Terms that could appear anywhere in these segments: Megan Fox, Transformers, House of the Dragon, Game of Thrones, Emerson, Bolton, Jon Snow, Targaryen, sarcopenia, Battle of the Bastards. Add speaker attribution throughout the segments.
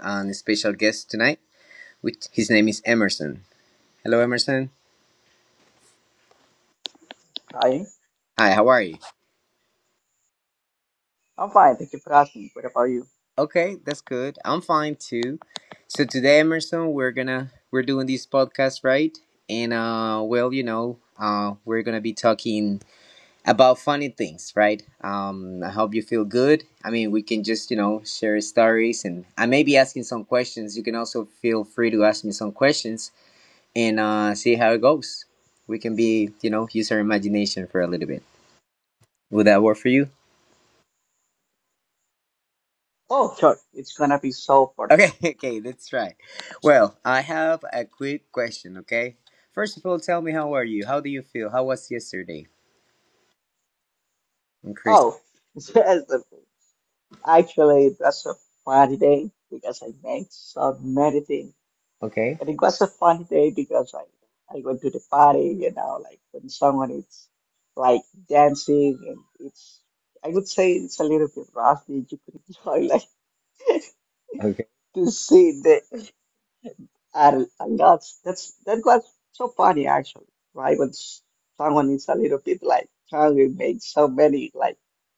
Speaker 1: A special guest tonight, which his name is Emerson. Hello, Emerson.
Speaker 2: Hi,
Speaker 1: Hi, how are you?
Speaker 2: I'm fine. Thank you for asking. What about you?
Speaker 1: Okay, that's good. I'm fine too. So today, Emerson, we're doing this podcast, right? And well, we're gonna be talking about funny things, right? I hope you feel good. I mean, we can just, share stories, and I may be asking some questions. You can also feel free to ask me some questions, and see how it goes. We can be, use our imagination for a little bit. Would that work for you?
Speaker 2: Oh, sure. It's gonna be so perfect.
Speaker 1: Okay, okay, let's try. Well, I have a quick question, okay? First of all, tell me, how are you? How do you feel? How was yesterday? And Chris,
Speaker 2: Oh, yes. Actually, that's a funny day because I made so many things.
Speaker 1: okay?
Speaker 2: And it was a funny day because I went to the party, like when someone is like dancing and it's, I would say it's a little bit rusty. You could enjoy like to see that. And that was so funny, actually, right? When someone is a little bit like trying to make so many like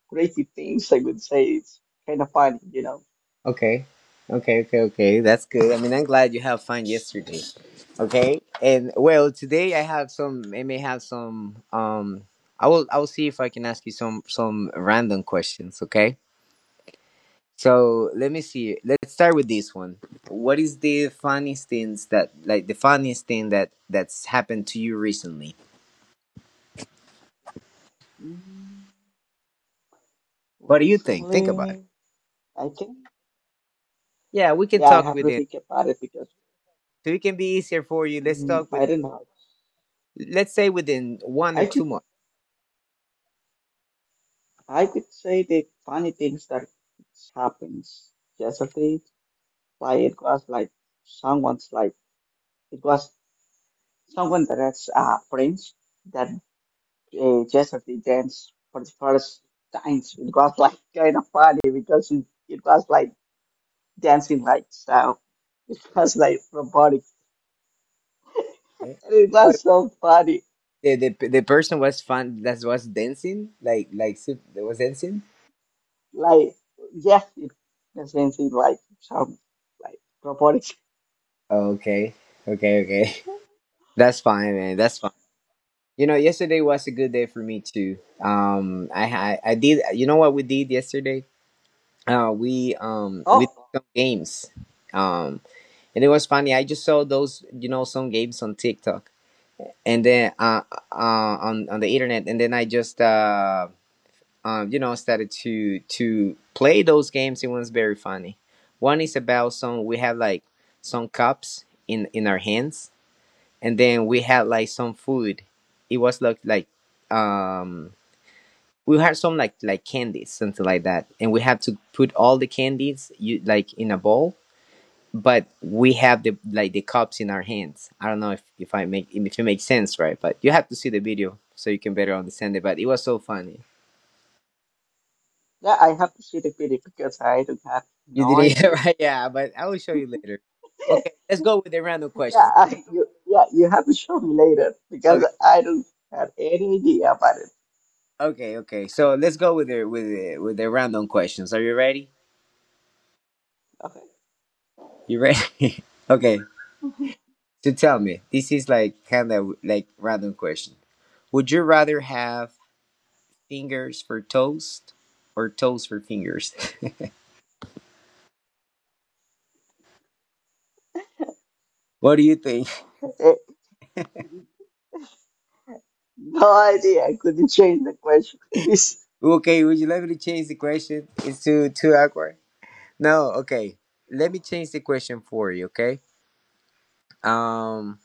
Speaker 2: crazy things, I would say it's kind of funny.
Speaker 1: Okay. Okay, okay, okay. That's good. I mean, I'm glad you have fun yesterday. Okay. And well, today I may have some I will see if I can ask you some random questions, okay? So, let me see. Let's start with this one. What is the funniest things that Like, the funniest thing that's happened to you recently?
Speaker 2: Mm,
Speaker 1: What do you think? Think about it.
Speaker 2: Recently, I think,
Speaker 1: Yeah, we can
Speaker 2: yeah, I
Speaker 1: talk
Speaker 2: have to
Speaker 1: within,
Speaker 2: think about it because
Speaker 1: so it can be easier for you.
Speaker 2: I don't know.
Speaker 1: Let's say within 1 or
Speaker 2: I could
Speaker 1: 2 months,
Speaker 2: I could say the funny things that happens yesterday. Like it was like someone's like it was someone that has friends that Jessica danced for the first time. It was like kind of funny because it was like dancing like style. It was like robotic.
Speaker 1: okay?
Speaker 2: It was so funny.
Speaker 1: The person was fun that was dancing.
Speaker 2: Like yes, it was dancing like some like robotic.
Speaker 1: Oh, okay, okay, okay. That's fine, man, that's fine. Yesterday was a good day for me too. I did. You know what we did yesterday? We did
Speaker 2: Oh,
Speaker 1: some games, um and it was funny. I just saw those you know some games on TikTok, and then on the internet, and then I just started to play those games. It was very funny. One is about some We had like some cups in our hands, and then we had like some food. It was like um we had some candies, something like that, and we had to put all the candies you like in a bowl. But we have the cups in our hands. I don't know if it makes sense, right? But you have to see the video so you can better understand it. But it was so funny.
Speaker 2: yeah, I have to see the video because I don't have
Speaker 1: You
Speaker 2: no
Speaker 1: did it.
Speaker 2: idea.
Speaker 1: Right, yeah, but I will show you later. Okay, let's go with the random
Speaker 2: Yeah,
Speaker 1: questions.
Speaker 2: yeah, you have to show me later because
Speaker 1: Okay,
Speaker 2: I don't have any idea about it.
Speaker 1: okay, okay. So let's go with the, random questions. Are you ready? You ready? Okay.
Speaker 2: Okay.
Speaker 1: So tell me, this is like kind of like random question. Would you rather have fingers for toes, or toes for fingers? What do you think?
Speaker 2: Eh, No idea. I couldn't change the question. Please.
Speaker 1: Okay, would you let me change the question. It's too too awkward. No, okay. Let me change the question for you. Okay. Um.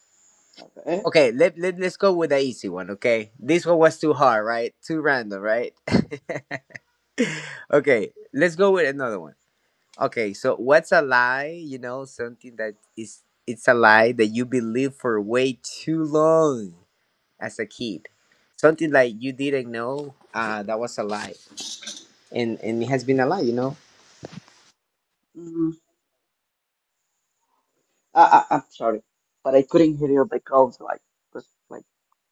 Speaker 2: Okay.
Speaker 1: Okay, let's go with the easy one. Okay, this one was too hard, right? Too random, right? Okay, let's go with another one. Okay, so what's a lie? Something that is it's a lie that you believe for way too long as a kid. Something like you didn't know that was a lie, and it has been a lie. You know.
Speaker 2: Mm. I, I'm sorry, but I couldn't hear you because like was like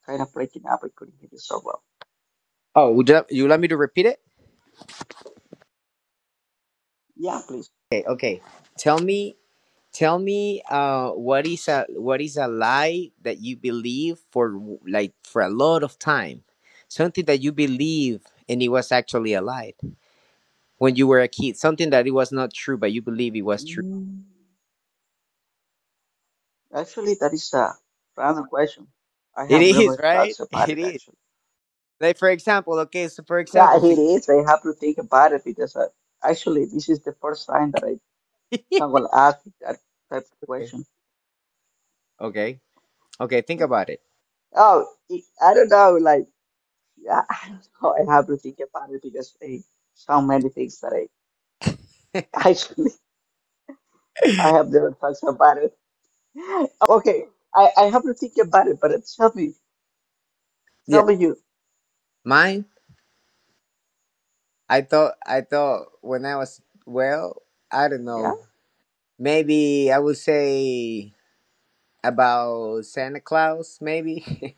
Speaker 2: kind of breaking up. I couldn't hear you so well.
Speaker 1: Oh, you like me to repeat it?
Speaker 2: Yeah, please.
Speaker 1: Okay, okay. Tell me Tell me, what is a lie that you believe for a lot of time, something that you believe and it was actually a lie when you were a kid, something that it was not true but you believe it was true.
Speaker 2: Mm. Actually, that is a random question. I
Speaker 1: It
Speaker 2: have
Speaker 1: is,
Speaker 2: never thought
Speaker 1: right.
Speaker 2: about
Speaker 1: It
Speaker 2: it,
Speaker 1: is.
Speaker 2: actually.
Speaker 1: Like, for example, okay, so for
Speaker 2: Yeah,
Speaker 1: example,
Speaker 2: it is. I have to think about it because actually, this is the first time that I someone asked me that type of
Speaker 1: okay,
Speaker 2: question.
Speaker 1: okay, okay, think about it.
Speaker 2: Oh, I don't know. Like. Yeah, I have to think about it because so many things that I actually I have never thought about it. Okay. I have to think about it, but tell me,
Speaker 1: Yeah,
Speaker 2: tell me you.
Speaker 1: mine. I thought when I was well, I don't
Speaker 2: Yeah,
Speaker 1: know, maybe I would say about Santa Claus, maybe.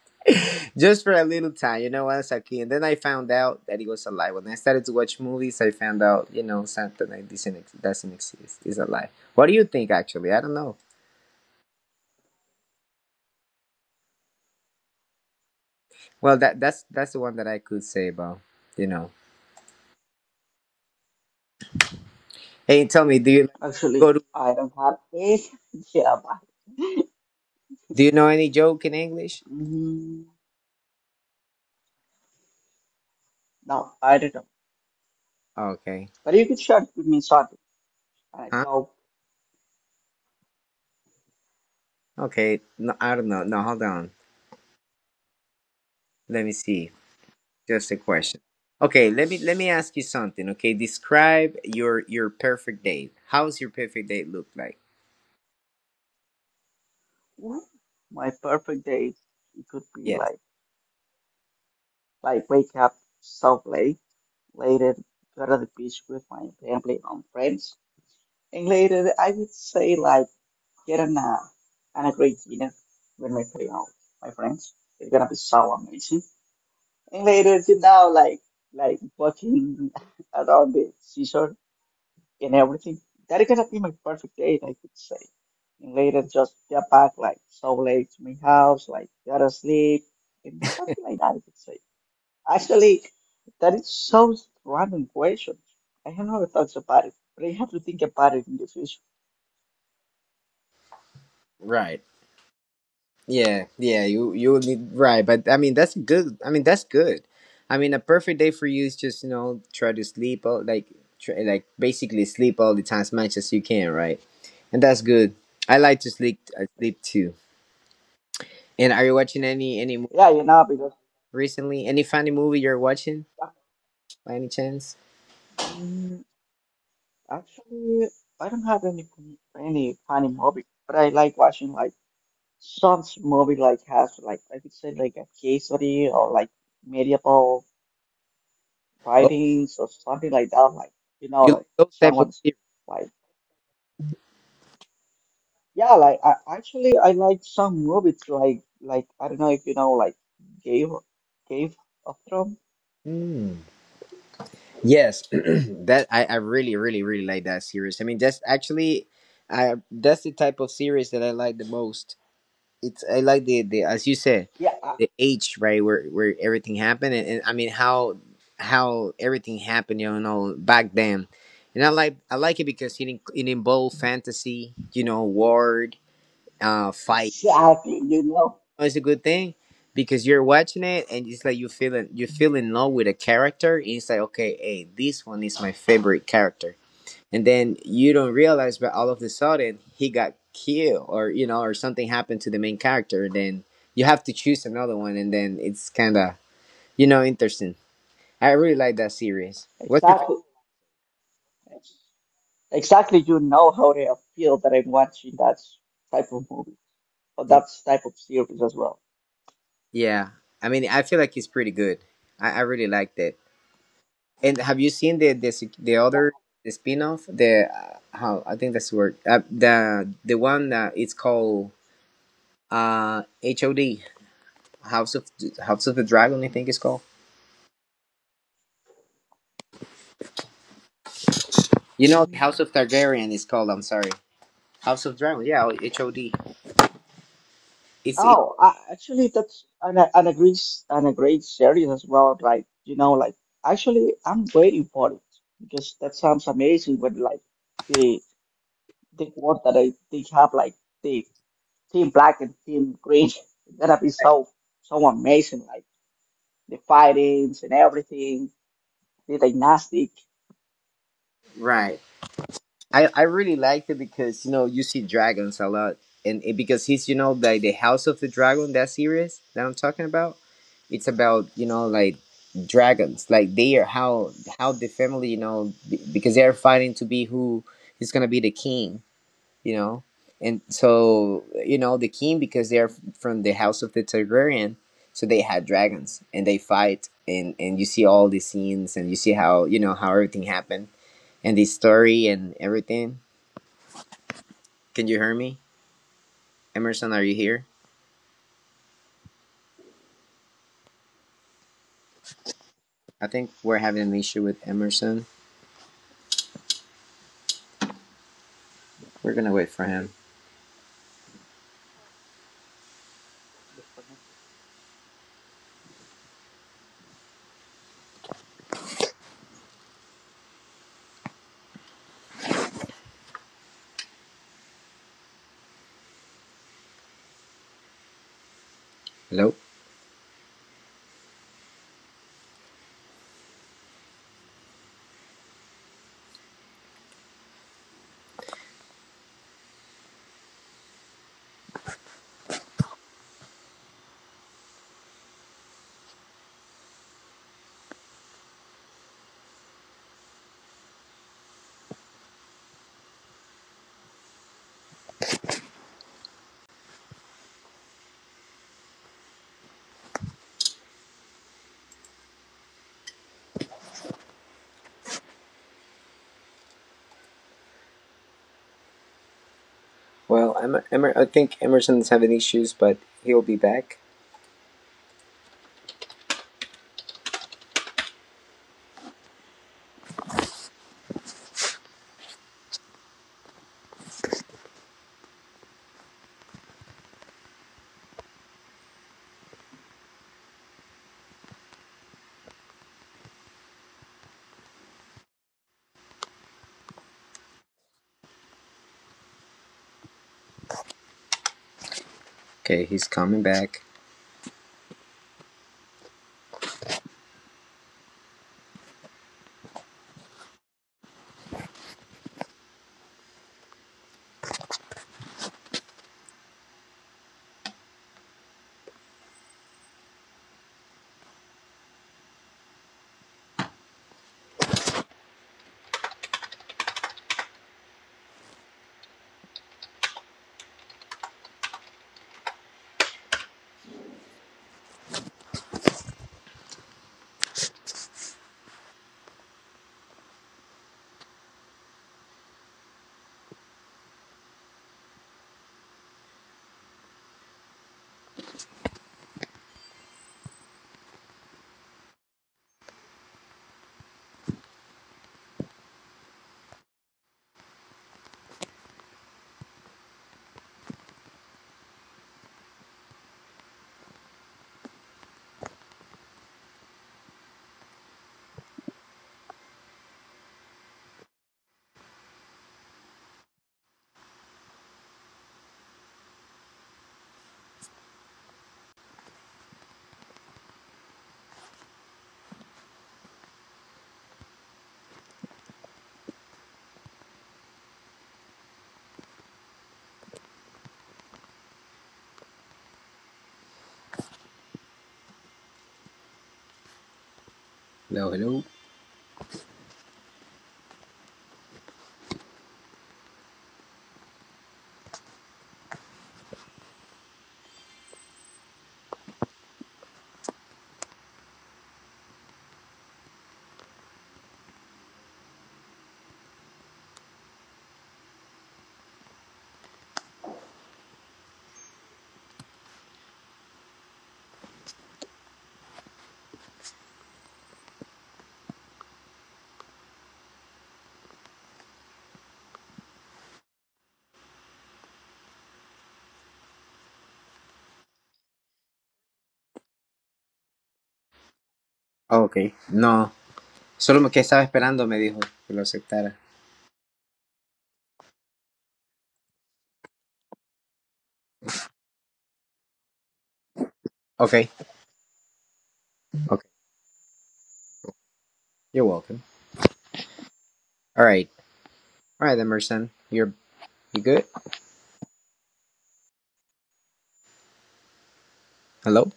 Speaker 1: Just for a little time, you know, as a kid. And then I found out that he was a lie. When I started to watch movies, I found out, Santa, like, doesn't exist. It's a lie. What do you think, actually? I don't know. Well, that that's the one that I could say about, you know. Hey, tell me, do you like
Speaker 2: actually,
Speaker 1: go to?
Speaker 2: I don't have any idea about
Speaker 1: Do you know any joke in English?
Speaker 2: it. Mm, no, I don't know.
Speaker 1: Okay.
Speaker 2: But you could share it with me something. I
Speaker 1: Huh?
Speaker 2: job.
Speaker 1: Okay. No, I don't know. No, hold on. Let me see. Just a question. Okay, let me ask you something. Okay, describe your perfect day. How's your perfect day look like?
Speaker 2: Well, my perfect day, it could be
Speaker 1: Yes.
Speaker 2: like wake up so late, later go to the beach with my family and friends. And later, I would say like get a nap and a great dinner with my family or my friends. It's gonna be so amazing. And later, like walking around the seashore and everything. That is gonna be my perfect date, I could say. And later, just get back like so late to my house, like gotta sleep and something like that, I could say. Actually, that is so random question. I have never thought about it, but I have to think about it in the future.
Speaker 1: Right. Yeah. Yeah. You would need, right, but I mean that's good. I mean that's good. I mean, a perfect day for you is just try to sleep all, like try, like basically sleep all the time as much as you can, right? And that's good. I like to sleep. I sleep too. And are you watching any
Speaker 2: Yeah, because
Speaker 1: recently? Any funny movie you're watching, by any chance?
Speaker 2: mm, actually, I don't have any funny movie, but I like watching like some movie like has like I could say like a case study or like medieval
Speaker 1: Oh,
Speaker 2: writings or something like that. Like
Speaker 1: you like
Speaker 2: like
Speaker 1: those type of
Speaker 2: someone's
Speaker 1: series?
Speaker 2: like yeah, like actually I like some movies like I don't know if you know like Game Game of Thrones.
Speaker 1: Mm. Yes, that I really really really like that series. I mean, that's actually, I that's the type of series that I like the most. It's I like the, as you said,
Speaker 2: Yeah,
Speaker 1: the age, right, where everything happened, and I mean, how everything happened back then, and I like it because it involved fantasy, war, fight.
Speaker 2: exactly. You know,
Speaker 1: It's a good thing because you're watching it and it's like you feel in love with a character, and it's like, okay, hey, this one is my favorite character, and then you don't realize but all of a sudden he got killed or you know or something happened to the main character, then you have to choose another one, and then it's kind of interesting. I really like that series. What's your
Speaker 2: exactly. Exactly, you know how they feel that I'm watching that type of movie or that
Speaker 1: favorite?
Speaker 2: type of series as well.
Speaker 1: Yeah, I mean, I feel like it's pretty good. I really liked it. And have you seen the the sec- the
Speaker 2: Yeah.
Speaker 1: other the spin-off, the how, I think that's the word, the one that it's called, HOD, House of the Dragon, I think it's called. You know, House of
Speaker 2: Mm.
Speaker 1: Targaryen is called. I'm sorry, House of Dragon. Yeah, HOD. It's
Speaker 2: Oh, actually, that's an a great series as well. Like, like actually, I'm waiting for it because that sounds amazing. When like they they want that they have like the team black and team green, it's gonna be so amazing. Like the fightings and everything, the dynastic.
Speaker 1: right. I really liked it because you see dragons a lot, and because he's, like, the House of the Dragon, that series that I'm talking about, it's about, like, dragons, like they are, how the family, because they're fighting to be who is going to be the king, you know and so, the king, because they're from the House of the Targaryen, so they had dragons, and they fight, and you see all the scenes, and you see how, how everything happened and the story and everything. Can you hear me? Emerson, are you here? I think we're having an issue with Emerson. We're gonna wait for him. Hello? Well, I think Emerson's having issues, but he'll be back. Okay, he's coming back. Hello, hello. Oh, okay. No, solo que estaba esperando, me dijo que lo aceptara. Okay, okay. You're welcome. All right, all right, Emerson. You good? Hello.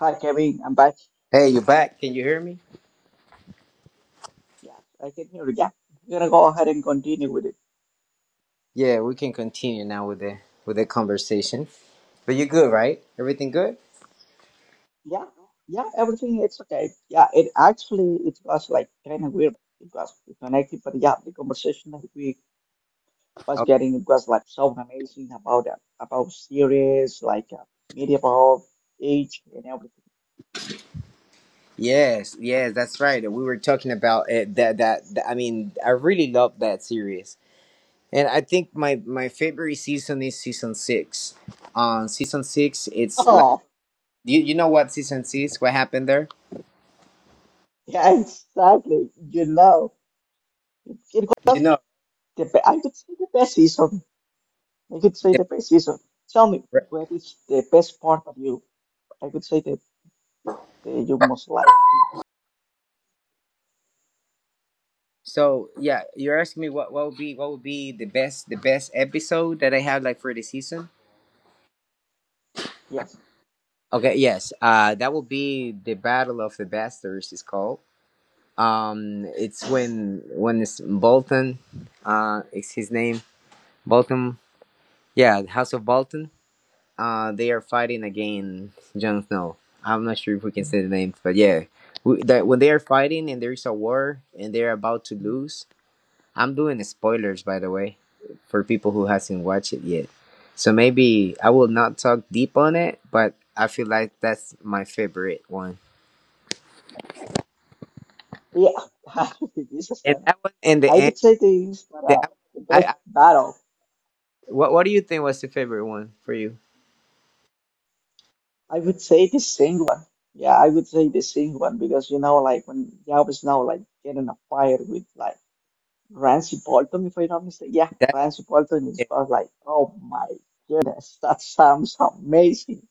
Speaker 2: Hi, Kevin. I'm back.
Speaker 1: Hey, you are back? Can you hear me?
Speaker 2: Yeah, I can hear you. Yeah, we're gonna go ahead and continue with it.
Speaker 1: Yeah, we can continue now with the conversation. But you are good, right? Everything good?
Speaker 2: Yeah, yeah, everything it's okay. Yeah, it actually it was like kind of weird it was connected, but yeah, the conversation that we was getting it was like so amazing about series like media about age and everything.
Speaker 1: Yes, yes, that's right. We were talking about it, I mean, I really love that series, and I think my favorite season is season six. On season six, it's like,
Speaker 2: Oh,
Speaker 1: you know what season six? What happened there?
Speaker 2: yeah, exactly. You know, it was
Speaker 1: You know.
Speaker 2: the I could say the best season. I could say
Speaker 1: The,
Speaker 2: the best season. Tell me, what is the best part of you? I could say they you must like.
Speaker 1: so yeah, you're asking me what would be the best episode that I have, like, for the season?
Speaker 2: Yes.
Speaker 1: Okay, yes. That will be the Battle of the Bastards is called. It's when, it's Bolton. It's his name Bolton, yeah, the House of Bolton. They are fighting against Jon Snow. I'm not sure if we can say the names, but yeah, that, when they are fighting and there is a war and they're about to lose. I'm doing spoilers, by the way, for people who hasn't watched it yet. So maybe I will not talk deep on it, but I feel like that's my favorite one.
Speaker 2: Yeah. this is
Speaker 1: And
Speaker 2: the
Speaker 1: that one, in the
Speaker 2: I
Speaker 1: end,
Speaker 2: would say this, but
Speaker 1: the,
Speaker 2: the best
Speaker 1: I,
Speaker 2: battle.
Speaker 1: what do you think was the favorite one for you?
Speaker 2: I would say the sing one. Yeah, I would say the sing one because like when Yao is now like getting a fire with like Rancy Bolton, if I'm not mistaken. Yeah,
Speaker 1: That
Speaker 2: Rancy Bolton is about like, oh my goodness, that sounds amazing.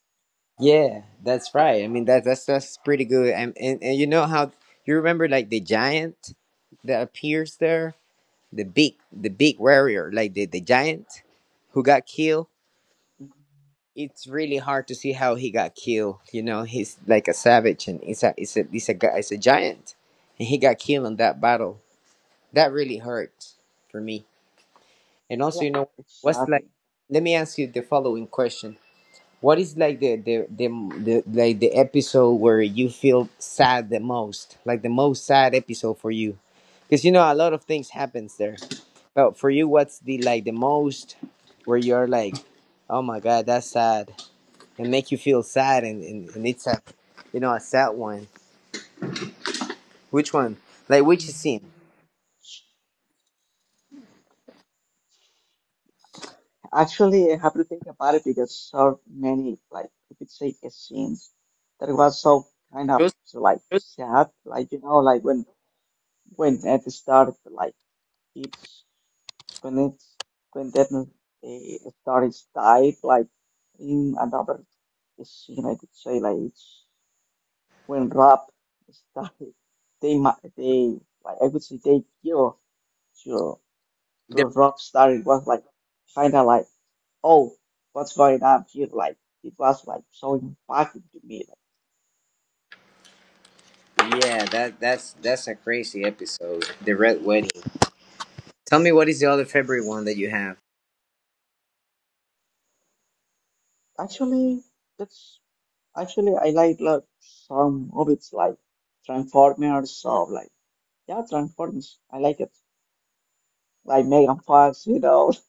Speaker 1: Yeah, that's right. I mean, that that's pretty good. And you know how you remember, like, the giant that appears there? The big warrior, like the giant who got killed. It's really hard to see how he got killed. You know, he's like a savage and he's a he's a he's a guy he's a giant. And he got killed in that battle. That really hurt for me. And also,
Speaker 2: Yeah,
Speaker 1: you know, what's
Speaker 2: exactly.
Speaker 1: like, let me ask you the following question. What is like the episode where you feel sad the most? Like the most sad episode for you? Because you know a lot of things happens there. But for you, what's the like the most where you're like, oh my god, that's sad, and make you feel sad, and it's a, a sad one. Which one? Like which scene?
Speaker 2: Actually, I have to think about it because so many, like, you could say, it seems that it was so kind of
Speaker 1: Choose-
Speaker 2: so, like
Speaker 1: choose
Speaker 2: sad, like like when it started, like it's it's when that started died, like in another scene, I could say, like it's when rap started, they like I could say they give to to
Speaker 1: the-
Speaker 2: rap started was like kind of like. Oh, what's going on here? Like it was like so impacting to me.
Speaker 1: Yeah, that's a crazy episode. The red wedding. Tell me what is the other February one that you have?
Speaker 2: Like, actually, that's actually I like some movies like Transformers or like yeah Transformers. I like it like Megan Fox.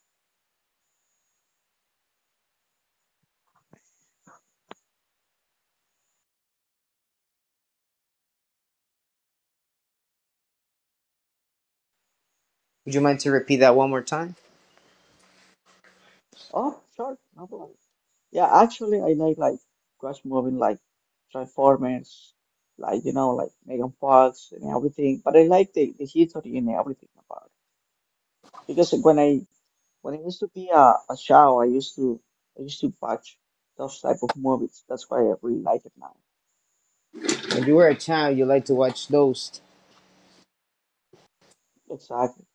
Speaker 1: Would you mind to repeat that one more time?
Speaker 2: Oh, sure, no problem. Yeah, actually I like watch movie like Transformers, like like Megan Fox and everything. But I like the history and everything about. Because when I used to be a child, I used to watch those type of movies. That's why I really like it now.
Speaker 1: When you were a child, you liked to watch those.
Speaker 2: Exactly.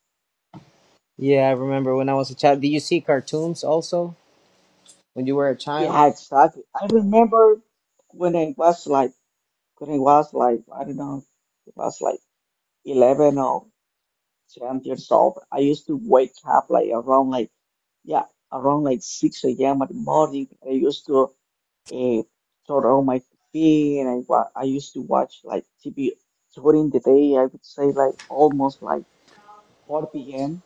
Speaker 1: Yeah, I remember when I was a child. Did you see cartoons also when you were a child?
Speaker 2: Yeah, exactly. I remember when I was like I don't know was like 11 or 10 years old. I used to wake up like around like yeah around like 6 a.m. in the morning. I used to eh, sort of my TV, and I used to watch like TV during the day. I would say like almost like 4 p.m.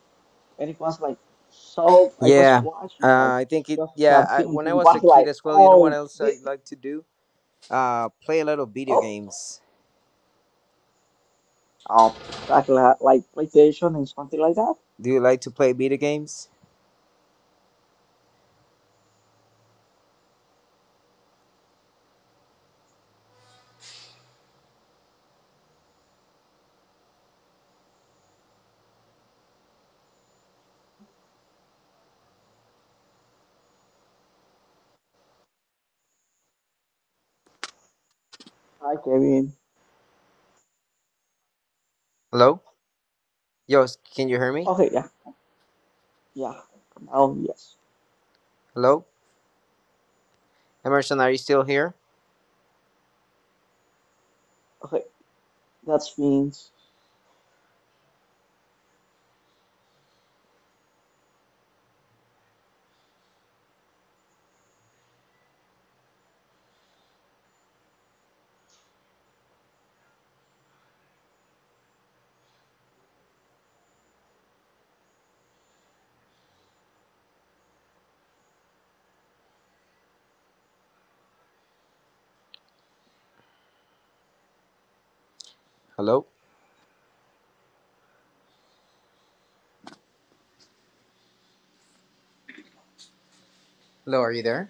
Speaker 2: and it was like so I was
Speaker 1: Yeah,
Speaker 2: watching like
Speaker 1: I think it.
Speaker 2: just
Speaker 1: Yeah,
Speaker 2: cartoons.
Speaker 1: when I
Speaker 2: It
Speaker 1: was a
Speaker 2: was
Speaker 1: kid
Speaker 2: like
Speaker 1: as well, you know what
Speaker 2: oh
Speaker 1: else I
Speaker 2: this,
Speaker 1: like to do? Play a lot of video
Speaker 2: oh
Speaker 1: games.
Speaker 2: oh exactly like PlayStation and something like that.
Speaker 1: Do you like to play video games?
Speaker 2: Hi, Kevin.
Speaker 1: Hello, yo, can you hear me?
Speaker 2: Okay, yeah, yeah. Now yes.
Speaker 1: Hello, Emerson, are you still here?
Speaker 2: Okay, that's means.
Speaker 1: Hello, hello, are you there?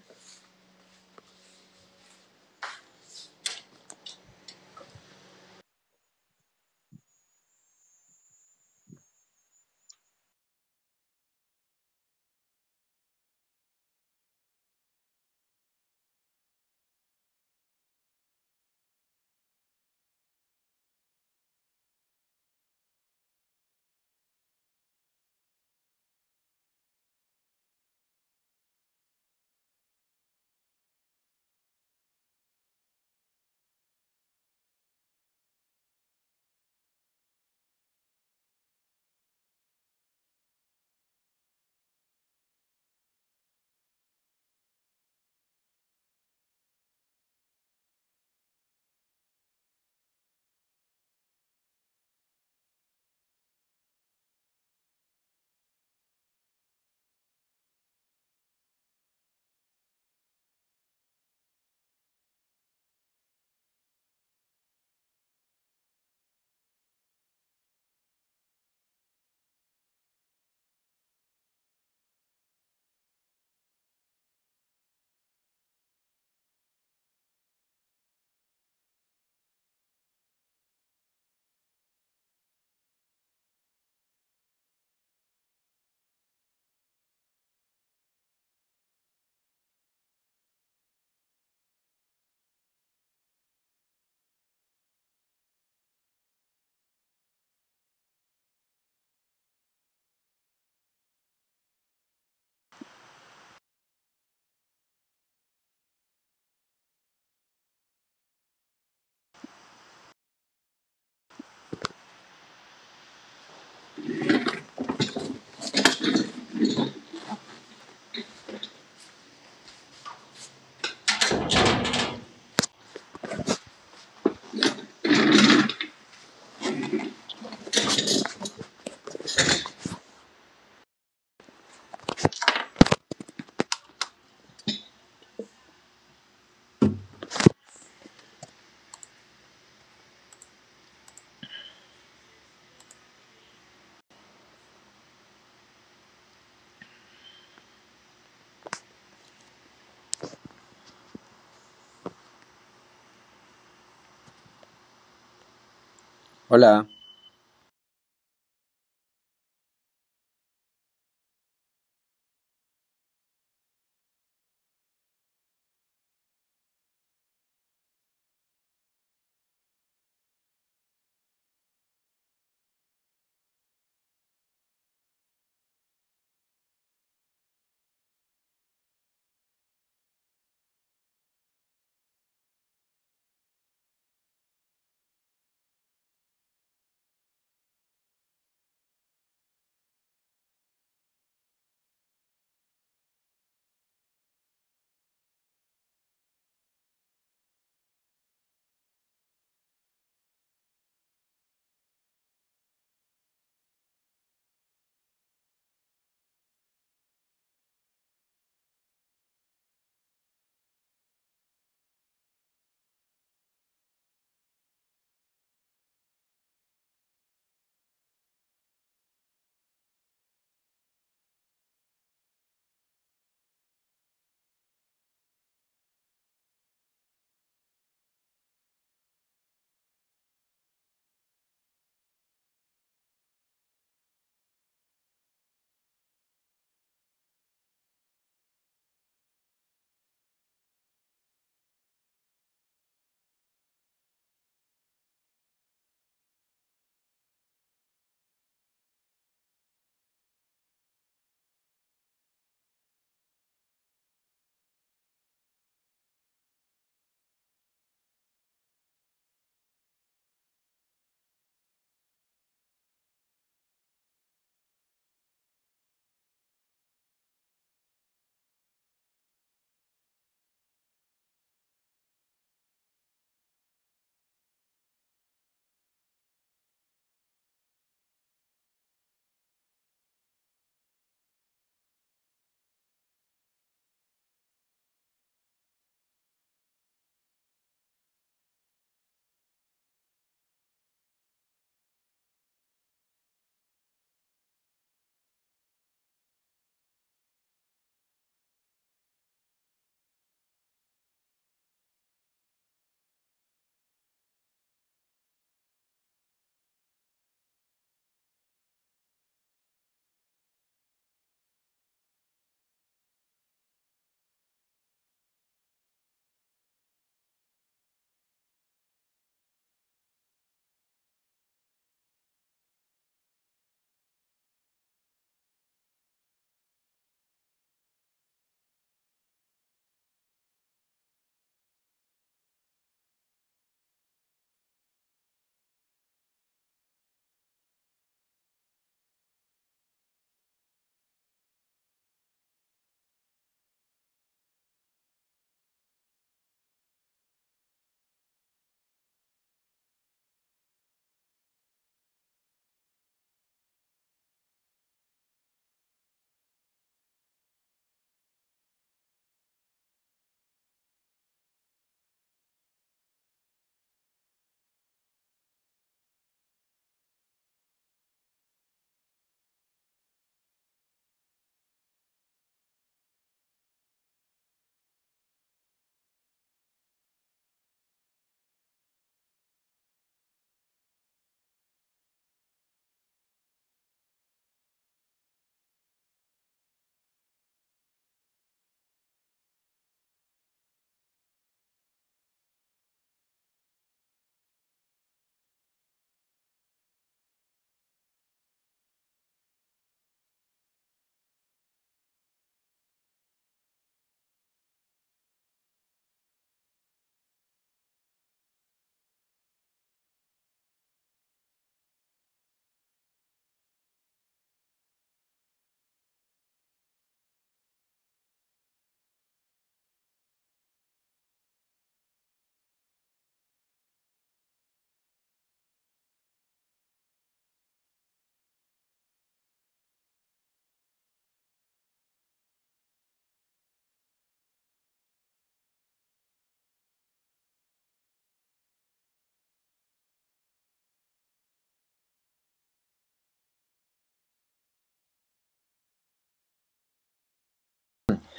Speaker 1: Hola.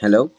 Speaker 1: Hello.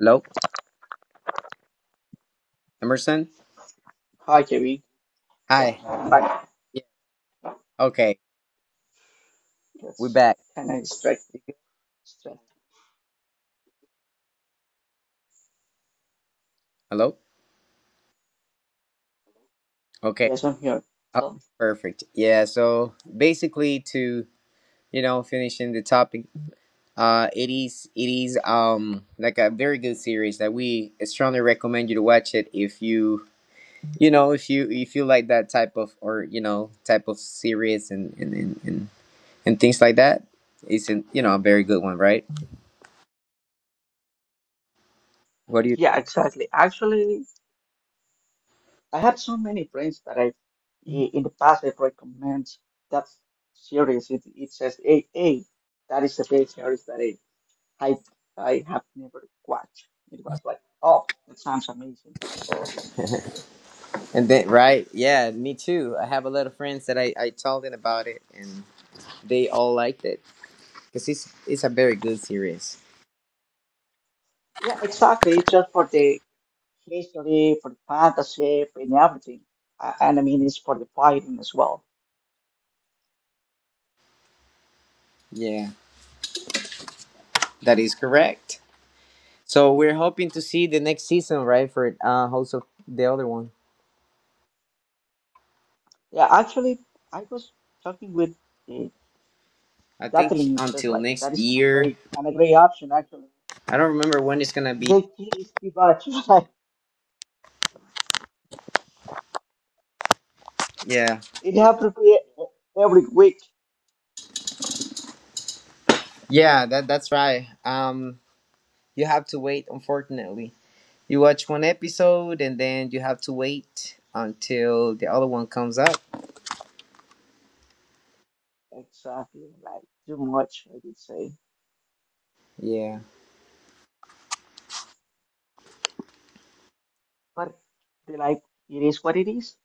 Speaker 1: Hello. Emerson.
Speaker 2: Hi, Jerry. Yeah,
Speaker 1: Hi.
Speaker 2: I'm back.
Speaker 1: Yeah. Okay. We're
Speaker 2: Yes,
Speaker 1: back.
Speaker 2: can I strike.
Speaker 1: You good?
Speaker 2: strike.
Speaker 1: Hello. Okay.
Speaker 2: Yes, I'm here.
Speaker 1: Oh,
Speaker 2: So,
Speaker 1: perfect. Yeah. So basically, to finishing the topic, it is like a very good series that we strongly recommend you to watch it if you, you know if you, if you like that type of, or you know, type of series and and things like that. It's an, you know, a very good one, right? What do you?
Speaker 2: yeah, exactly. Actually, I have so many friends that in the past, I recommend that series. It says "Hey, A. That is the best series that I, I have never watched. It was like, oh, that sounds amazing.
Speaker 1: And then, right? Yeah, me too. I have a lot of friends that I told them about it, and they all liked it because it's a very good series.
Speaker 2: Yeah, exactly. It's just for the history, for the fantasy, and everything. And I mean, it's for the fighting as well.
Speaker 1: Yeah, that is correct. So we're hoping to see the next season, right? For House of the other one.
Speaker 2: Yeah, actually, I was talking with uh,
Speaker 1: I think
Speaker 2: Jacqueline. It says
Speaker 1: until
Speaker 2: like that
Speaker 1: next
Speaker 2: is an, a
Speaker 1: year.
Speaker 2: great an, a great option. Actually,
Speaker 1: I don't remember when it's gonna be.
Speaker 2: they please keep out. Like
Speaker 1: Yeah,
Speaker 2: it happens every week.
Speaker 1: yeah, that's right. You have to wait. Unfortunately, you watch one episode, and then you have to wait until the other one comes up.
Speaker 2: Exactly, like too much. I did say,
Speaker 1: Yeah.
Speaker 2: but they like it is what it is.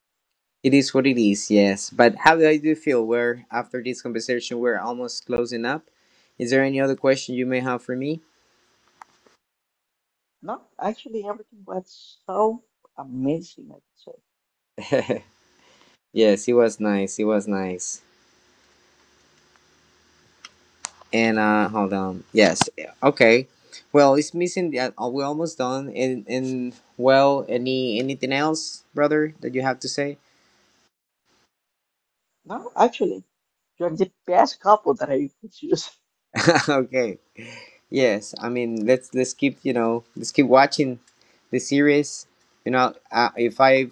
Speaker 1: It is what it is, yes. But how do you feel? Where after this conversation, we're almost closing up. Is there any other question you may have for me?
Speaker 2: No, actually, everything was so amazing, I would say.
Speaker 1: Yes, it was nice. It was nice. And hold on. Yes. Okay. Well, it's missing. We're almost done. And well, anything else, brother, that you have to say?
Speaker 2: No, actually, you're the best couple that I could choose.
Speaker 1: Okay. Yes. I mean, let's keep, you know, let's keep watching the series. You know, if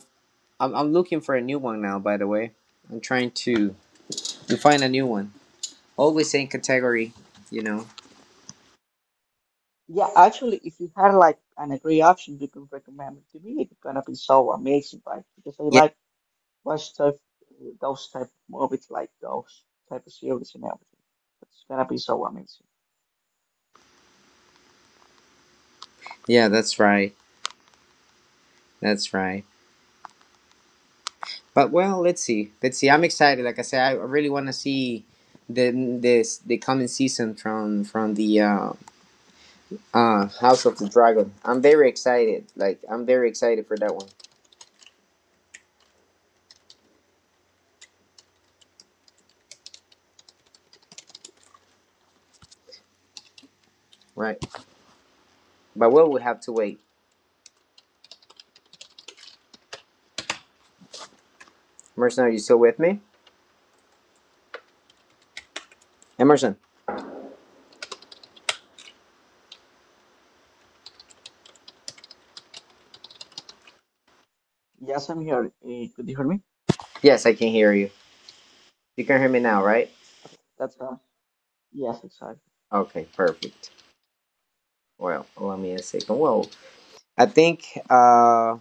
Speaker 1: I'm looking for a new one now, by the way. I'm trying to find a new one. Always same category, you know.
Speaker 2: Yeah, actually, if you had like an a great option you can recommend it to me, it's gonna be so amazing, right? Because I
Speaker 1: Yeah,
Speaker 2: like watch those type of movies, like those type of series and everything. It's gonna be so amazing.
Speaker 1: yeah, that's right. That's right. But well, let's see. Let's see. I'm excited. Like I said, I really want to see the this the coming season from the House of the Dragon. I'm very excited. Like I'm very excited for that one. Right. But well, we have to wait. Emerson, are you still with me? Emerson.
Speaker 2: Yes, I'm here. Could you hear me?
Speaker 1: Yes, I can hear you. You can hear me now, right?
Speaker 2: Okay, that sounds. Yes, exactly.
Speaker 1: Okay, perfect. Well, allow me a second. Well, I think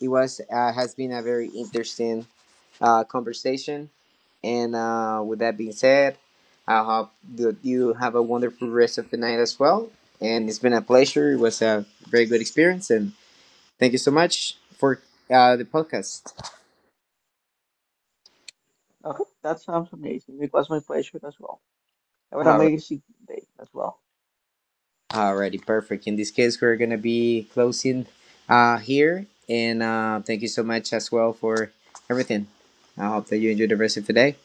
Speaker 1: it was has been a very interesting conversation. And with that being said, I hope that you have a wonderful rest of the night as well. And it's been a pleasure. It was a very good experience. And thank you so much for the podcast.
Speaker 2: Okay, that sounds amazing. It was my pleasure as well. Have an
Speaker 1: All right.
Speaker 2: amazing day as well.
Speaker 1: Alrighty, perfect. In this case, we're gonna be closing here. And thank you so much as well for everything. I hope that you enjoy the rest of the day.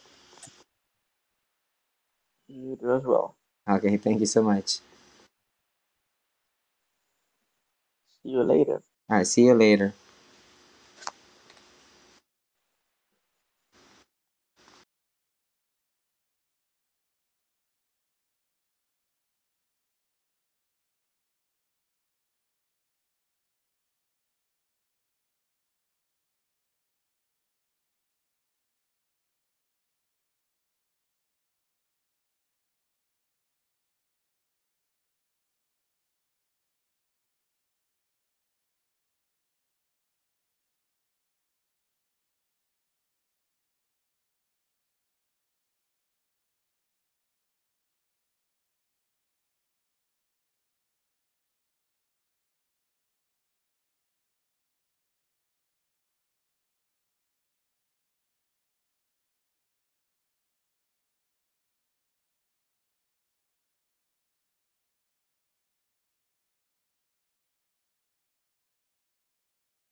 Speaker 2: You do as well.
Speaker 1: Okay, thank you so much.
Speaker 2: See you later.
Speaker 1: All right, see you later.